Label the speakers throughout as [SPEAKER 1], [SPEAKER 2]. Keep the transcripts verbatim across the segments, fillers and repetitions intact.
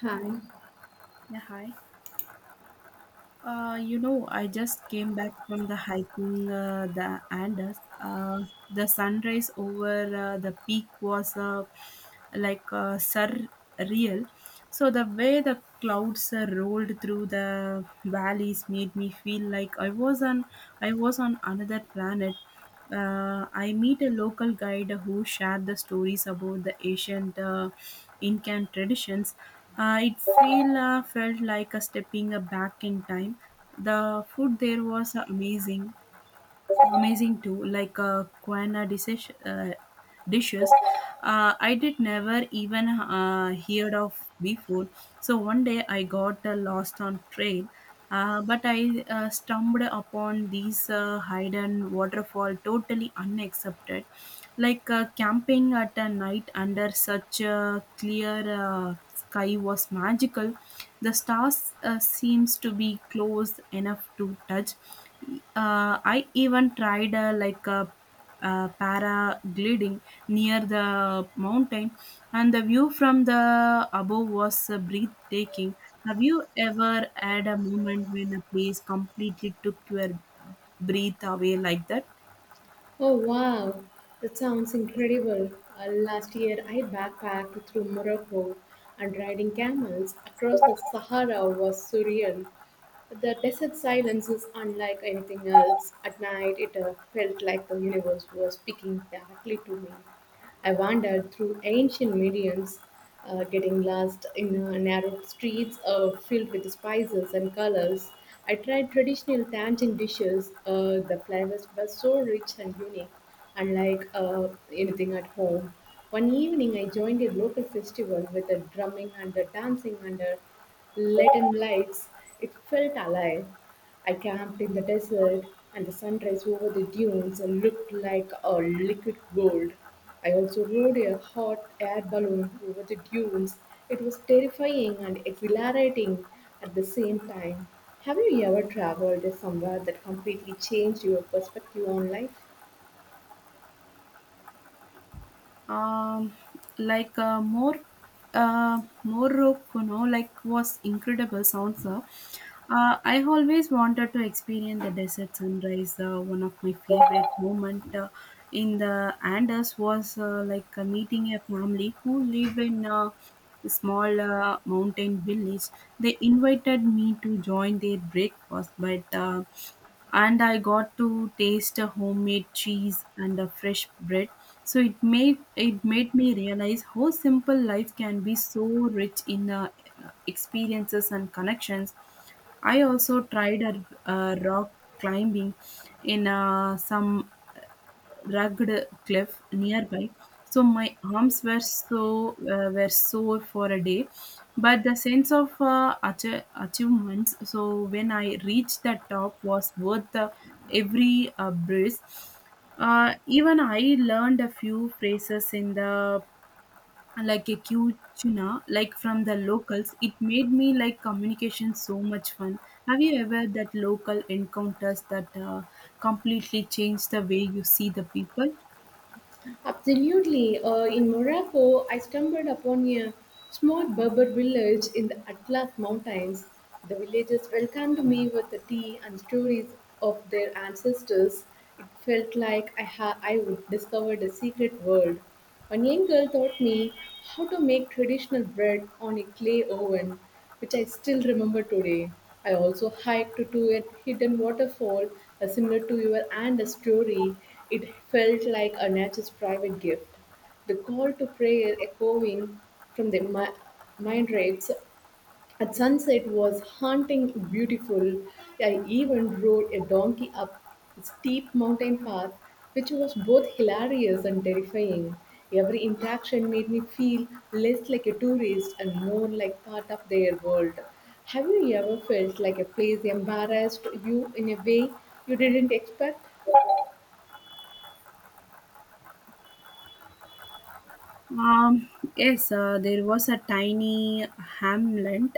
[SPEAKER 1] Hi.
[SPEAKER 2] Yeah, hi. Uh, you know, I just came back from the hiking uh, the Andes. Uh, the sunrise over uh, the peak was uh, like uh, surreal. So the way the clouds uh, rolled through the valleys made me feel like I was on I was on another planet. uh, I meet a local guide who shared the stories about the ancient uh, Incan traditions. Uh, it feel, uh, felt like a stepping uh, back in time. The food there was uh, amazing, amazing too, like uh, Quena dishes uh, dishes uh, I did never even uh, heard of before. So one day I got uh, lost on trail, uh, but I uh, stumbled upon these uh, hidden waterfall, totally unaccepted. Like uh, camping at a night under such a clear uh, sky was magical. The stars uh, seems to be close enough to touch. uh, I even tried uh, like a uh, paragliding near the mountain, and the view from the above was uh, breathtaking. Have you ever had a moment when a place completely took your breath away like that?
[SPEAKER 1] Oh wow, that sounds incredible. Uh, last year I backpacked through Morocco, and riding camels across the Sahara was surreal. The desert silence is unlike anything else. At night it uh, felt like the universe was speaking directly to me. I wandered through ancient mediums, uh, getting lost in uh, narrow streets uh, filled with spices and colors. I tried traditional Tangian dishes. Uh, the flavors were so rich and unique, unlike uh, anything at home. One evening, I joined a local festival with a drumming and a dancing under Latin lights. It felt alive. I camped in the desert, and the sunrise over the dunes looked like a liquid gold. I also rode a hot air balloon over the dunes. It was terrifying and exhilarating at the same time. Have you ever traveled somewhere that completely changed your perspective on life?
[SPEAKER 2] Um, like uh, more uh, Morocco, no, like was incredible sounds. Uh, Uh, I always wanted to experience the desert sunrise. Uh, one of my favorite moment uh, in the Andes was uh, like uh, meeting a family who live in uh, a small uh, mountain village. They invited me to join their breakfast, but uh, and I got to taste a homemade cheese and a fresh bread. So it made it made me realize how simple life can be, so rich in uh, experiences and connections. I also tried a, a rock climbing in uh, some rugged cliff nearby. So my arms were so uh, were sore for a day, but the sense of uh, ach- achievements. So when I reached the top, was worth the every uh, breeze. Uh, even I learned a few phrases in the, like a Q-tuna, like from the locals. It made me like communication so much fun. Have you ever that local encounters that uh, completely change the way you see the people?
[SPEAKER 1] Absolutely. Uh, in Morocco, I stumbled upon a small Berber village in the Atlas Mountains. The villagers welcomed me with the tea and stories of their ancestors. It felt like I, ha- I would discovered a secret world. One young girl taught me how to make traditional bread on a clay oven, which I still remember today. I also hiked to a hidden waterfall uh, similar to your and a story. It felt like a nature's private gift. The call to prayer echoing from the mi- mind rates at sunset was haunting beautiful. I even rode a donkey up a steep mountain path, which was both hilarious and terrifying. Every interaction made me feel less like a tourist and more like part of their world. Have you ever felt like a place embarrassed you in a way you didn't expect?
[SPEAKER 2] Um, yes, uh, there was a tiny hamlet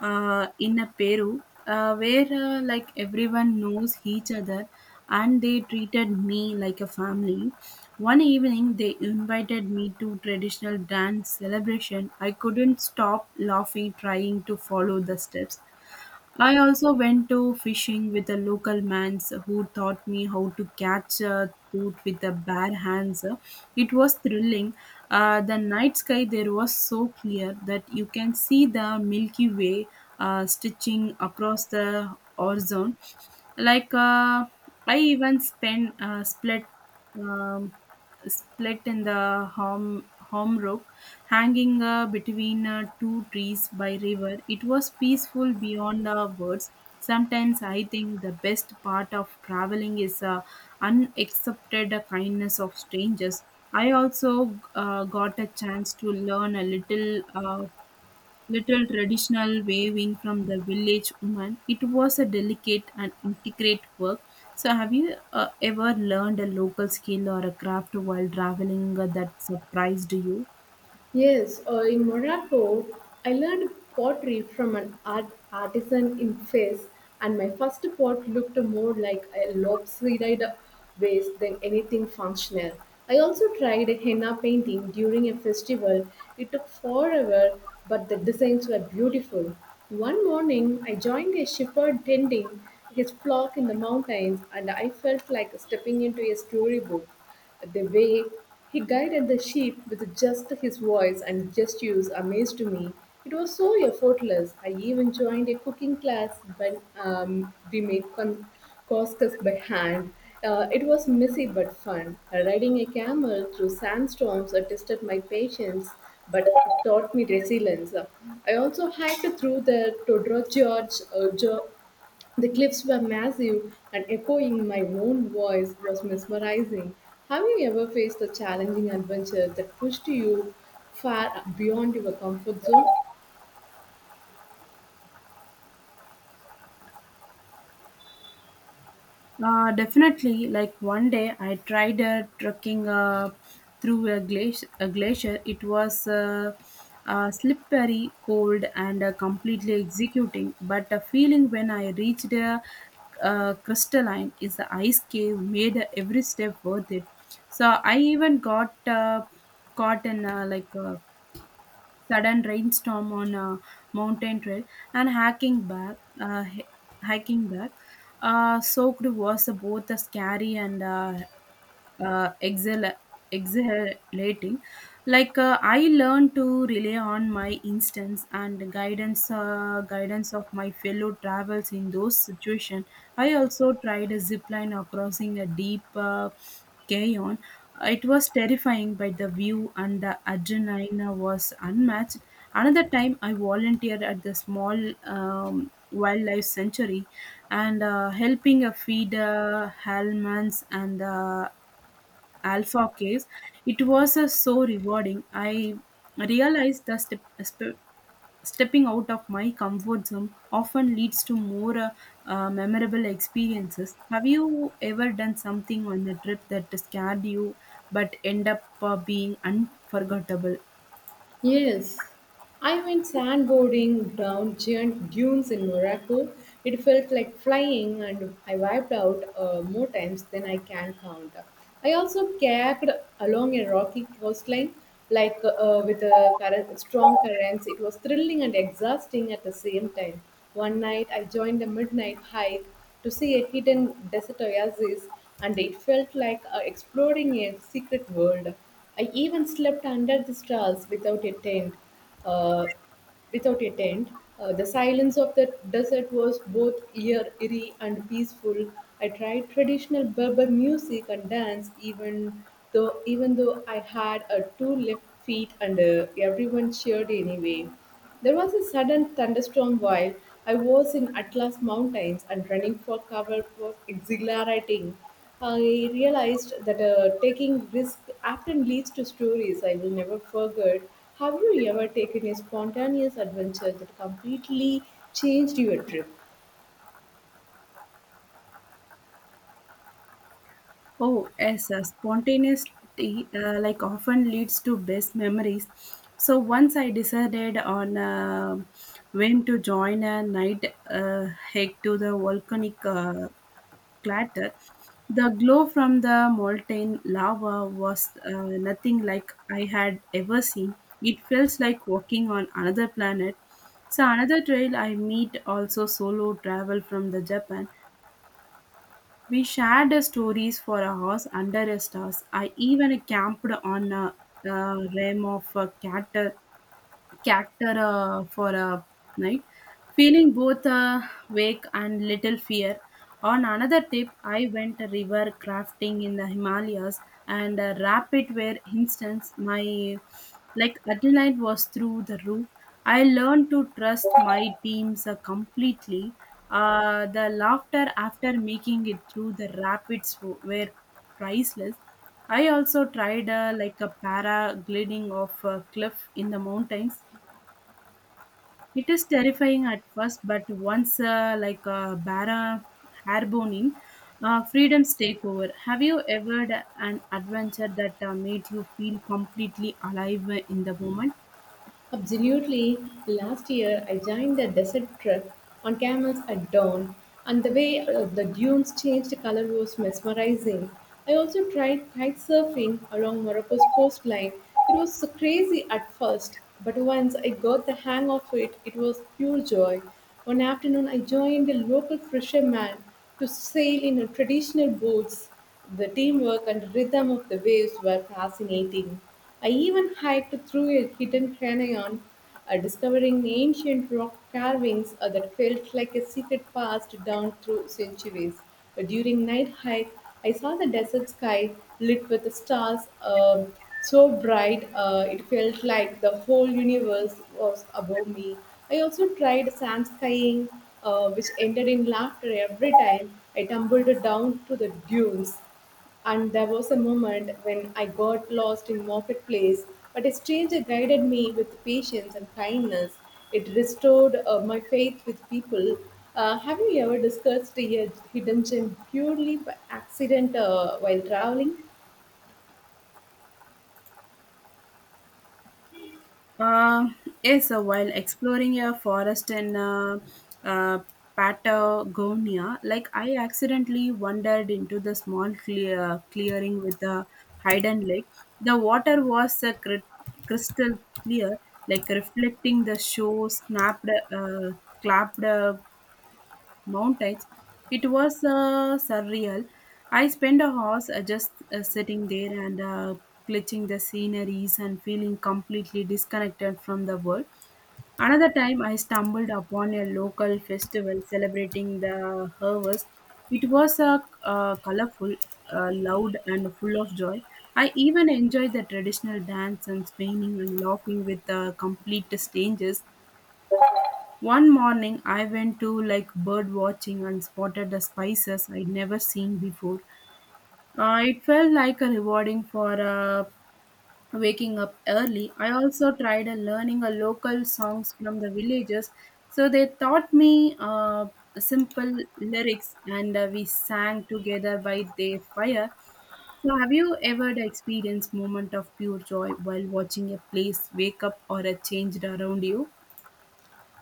[SPEAKER 2] uh, in a Peru, uh, where uh, like everyone knows each other and they treated me like a family. One evening they invited me to traditional dance celebration. I couldn't stop laughing trying to follow the steps. I also went to fishing with a local man who taught me how to catch a trout with the bare hands. It was thrilling. Uh, the night sky there was so clear that you can see the Milky Way, uh, stitching across the horizon. Like uh, I even spent uh, split. Um, split in the home, home rook, hanging uh, between uh, two trees by river. It was peaceful beyond uh, words. Sometimes I think the best part of traveling is uh, unaccepted kindness of strangers. I also uh, got a chance to learn a little uh, little traditional waving from the village woman. It was a delicate and intricate work. So, have you uh, ever learned a local skill or a craft while traveling uh, that surprised you?
[SPEAKER 1] Yes, uh, in Morocco, I learned pottery from an art artisan in Fez, and my first pot looked more like a lopsided vase than anything functional. I also tried henna painting during a festival. It took forever, but the designs were beautiful. One morning, I joined a shepherd tending his flock in the mountains, and I felt like stepping into a storybook. The way he guided the sheep with just his voice and gestures amazed me. It was so effortless. I even joined a cooking class when um, we made con- couscous by hand. Uh, it was messy but fun. Uh, riding a camel through sandstorms uh, tested my patience but taught me resilience. Uh, I also hiked through the Todorov George, uh, Jo- the cliffs were massive, and echoing my own voice was mesmerizing. Have you ever faced a challenging adventure that pushed you far beyond your comfort zone?
[SPEAKER 2] Uh, definitely, like one day I tried uh, trekking uh, through a, glaci- a glacier. It was uh, uh, slippery, cold, and uh, completely executing. But the feeling when I reached uh, uh, crystalline is the ice cave made every step worth it. So I even got uh, caught in uh, like uh, sudden rainstorm on a mountain trail and hiking back uh, hi- hiking back uh, soaked was both a scary and uh, uh, exhal- exhilarating. Like uh, I learned to rely on my instincts and guidance uh, guidance of my fellow travels in those situations. I also tried a zip line across a deep uh, carry on. It was terrifying, but the view and the adrenaline was unmatched. Another time, I volunteered at the small um, wildlife sanctuary and uh, helping uh, feed uh, halmans and uh, alpha case. It was uh, so rewarding. I realized that step, sp- stepping out of my comfort zone often leads to more uh, uh, memorable experiences. Have you ever done something on a trip that scared you but end up uh, being unforgettable?
[SPEAKER 1] Yes, I went sandboarding down giant dunes in Morocco. It felt like flying, and I wiped out uh, more times than I can count. I also kayaked along a rocky coastline, like uh, with a current, strong currents. It was thrilling and exhausting at the same time. One night, I joined a midnight hike to see a hidden desert oasis, and it felt like uh, exploring a secret world. I even slept under the stars without a tent. Uh, without a tent, uh, the silence of the desert was both ear eerie and peaceful. I tried traditional Berber music and dance, even though even though I had uh, two left feet, and uh, everyone cheered anyway. There was a sudden thunderstorm while I was in Atlas Mountains, and running for cover was exhilarating. I realized that uh, taking risk often leads to stories I will never forget. Have you ever taken a spontaneous adventure that completely changed your trip?
[SPEAKER 2] Oh, yes, uh, spontaneity uh, like often leads to best memories. So once I decided on uh, when to join a night uh, hike to the volcanic uh, clatter. The glow from the molten lava was uh, nothing like I had ever seen. It felt like walking on another planet. So another trail I meet also solo travel from the Japan. We shared the stories for hours under the stars. I even camped on a, a rim of a cattle character uh, for a night, feeling both uh, wake and little fear. On another tip, I went river crafting in the Himalayas and uh, rapid where instance my, like, adrenaline was through the roof. I learned to trust my teams uh, completely. Uh, the laughter after making it through the rapids w- were priceless. I also tried uh, like a paragliding off a cliff in the mountains. It is terrifying at first, but once uh, like uh, bara airborne, uh, freedoms take over. Have you ever had an adventure that uh, made you feel completely alive in the moment?
[SPEAKER 1] Absolutely. Last year, I joined a desert trip on camels at dawn, and the way uh, the dunes changed color was mesmerizing. I also tried kite surfing along Morocco's coastline. It was so crazy at first, but once I got the hang of it, it was pure joy. One afternoon, I joined a local fisherman to sail in a traditional boats. The teamwork and rhythm of the waves were fascinating. I even hiked through a hidden canyon, uh, discovering ancient rock carvings uh, that felt like a secret passed down through centuries. Uh, during night hike, I saw the desert sky lit with the stars um, so bright uh, it felt like the whole universe was above me. I also tried sand skiing, uh, which ended in laughter every time I tumbled down to the dunes. And there was a moment when I got lost in marketplace, but a stranger guided me with patience and kindness. It restored uh, my faith with people. Uh, have you ever discussed a hidden gem purely by accident uh, while traveling?
[SPEAKER 2] Uh, yes, uh, while exploring a forest in uh, uh, Patagonia, like I accidentally wandered into the small clear, clearing with the hidden lake. The water was uh, cri- crystal clear, like reflecting the shore, snapped, uh, clapped mountains. It was uh, surreal. I spent a hours uh, just uh, sitting there and uh, glitching the sceneries and feeling completely disconnected from the world. Another time, I stumbled upon a local festival celebrating the harvest. It was uh, uh, colorful, uh, loud, and full of joy. I even enjoyed the traditional dance and spinning and laughing with uh, complete strangers. One morning I went to like bird watching and spotted the spices I'd never seen before. Uh, it felt like a rewarding for uh, waking up early. I also tried uh, learning a local songs from the villages, so they taught me uh, simple lyrics and uh, we sang together by their fire. So, have you ever experienced moment of pure joy while watching a place wake up or a change around you?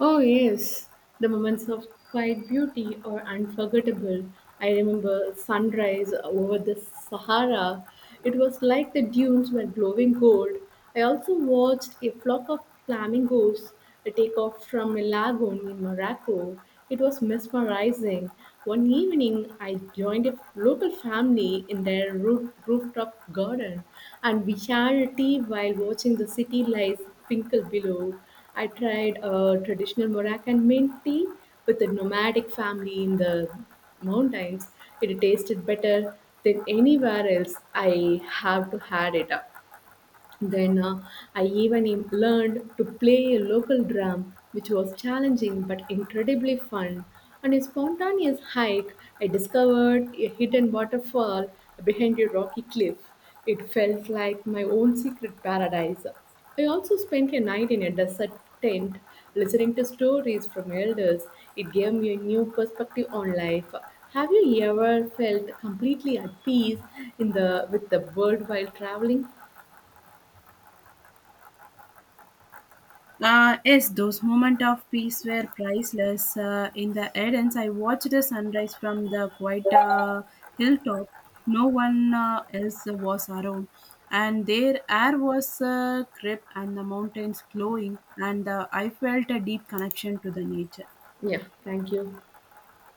[SPEAKER 1] Oh, yes, the moments of quiet beauty are unforgettable. I remember sunrise over the Sahara. It was like the dunes were glowing gold. I also watched a flock of flamingos take off from a lagoon in Morocco. It was mesmerizing. One evening, I joined a local family in their roof, rooftop garden, and we shared tea while watching the city lights twinkle below. I tried a traditional Moroccan mint tea with a nomadic family in the mountains. It tasted better than anywhere else I have to had it. Up. Then uh, I even im- learned to play a local drum, which was challenging but incredibly fun. On a spontaneous hike, I discovered a hidden waterfall behind a rocky cliff. It felt like my own secret paradise. I also spent a night in a desert tent listening to stories from elders. It gave me a new perspective on life. Have you ever felt completely at peace in the with the world while traveling?
[SPEAKER 2] Uh, yes, those moments of peace were priceless. Uh, in the Edens, I watched the sunrise from the quiet uh, hilltop. No one uh, else was around. And their air was uh, crisp and the mountains glowing, and uh, I felt a deep connection to the nature.
[SPEAKER 1] Yeah, thank you.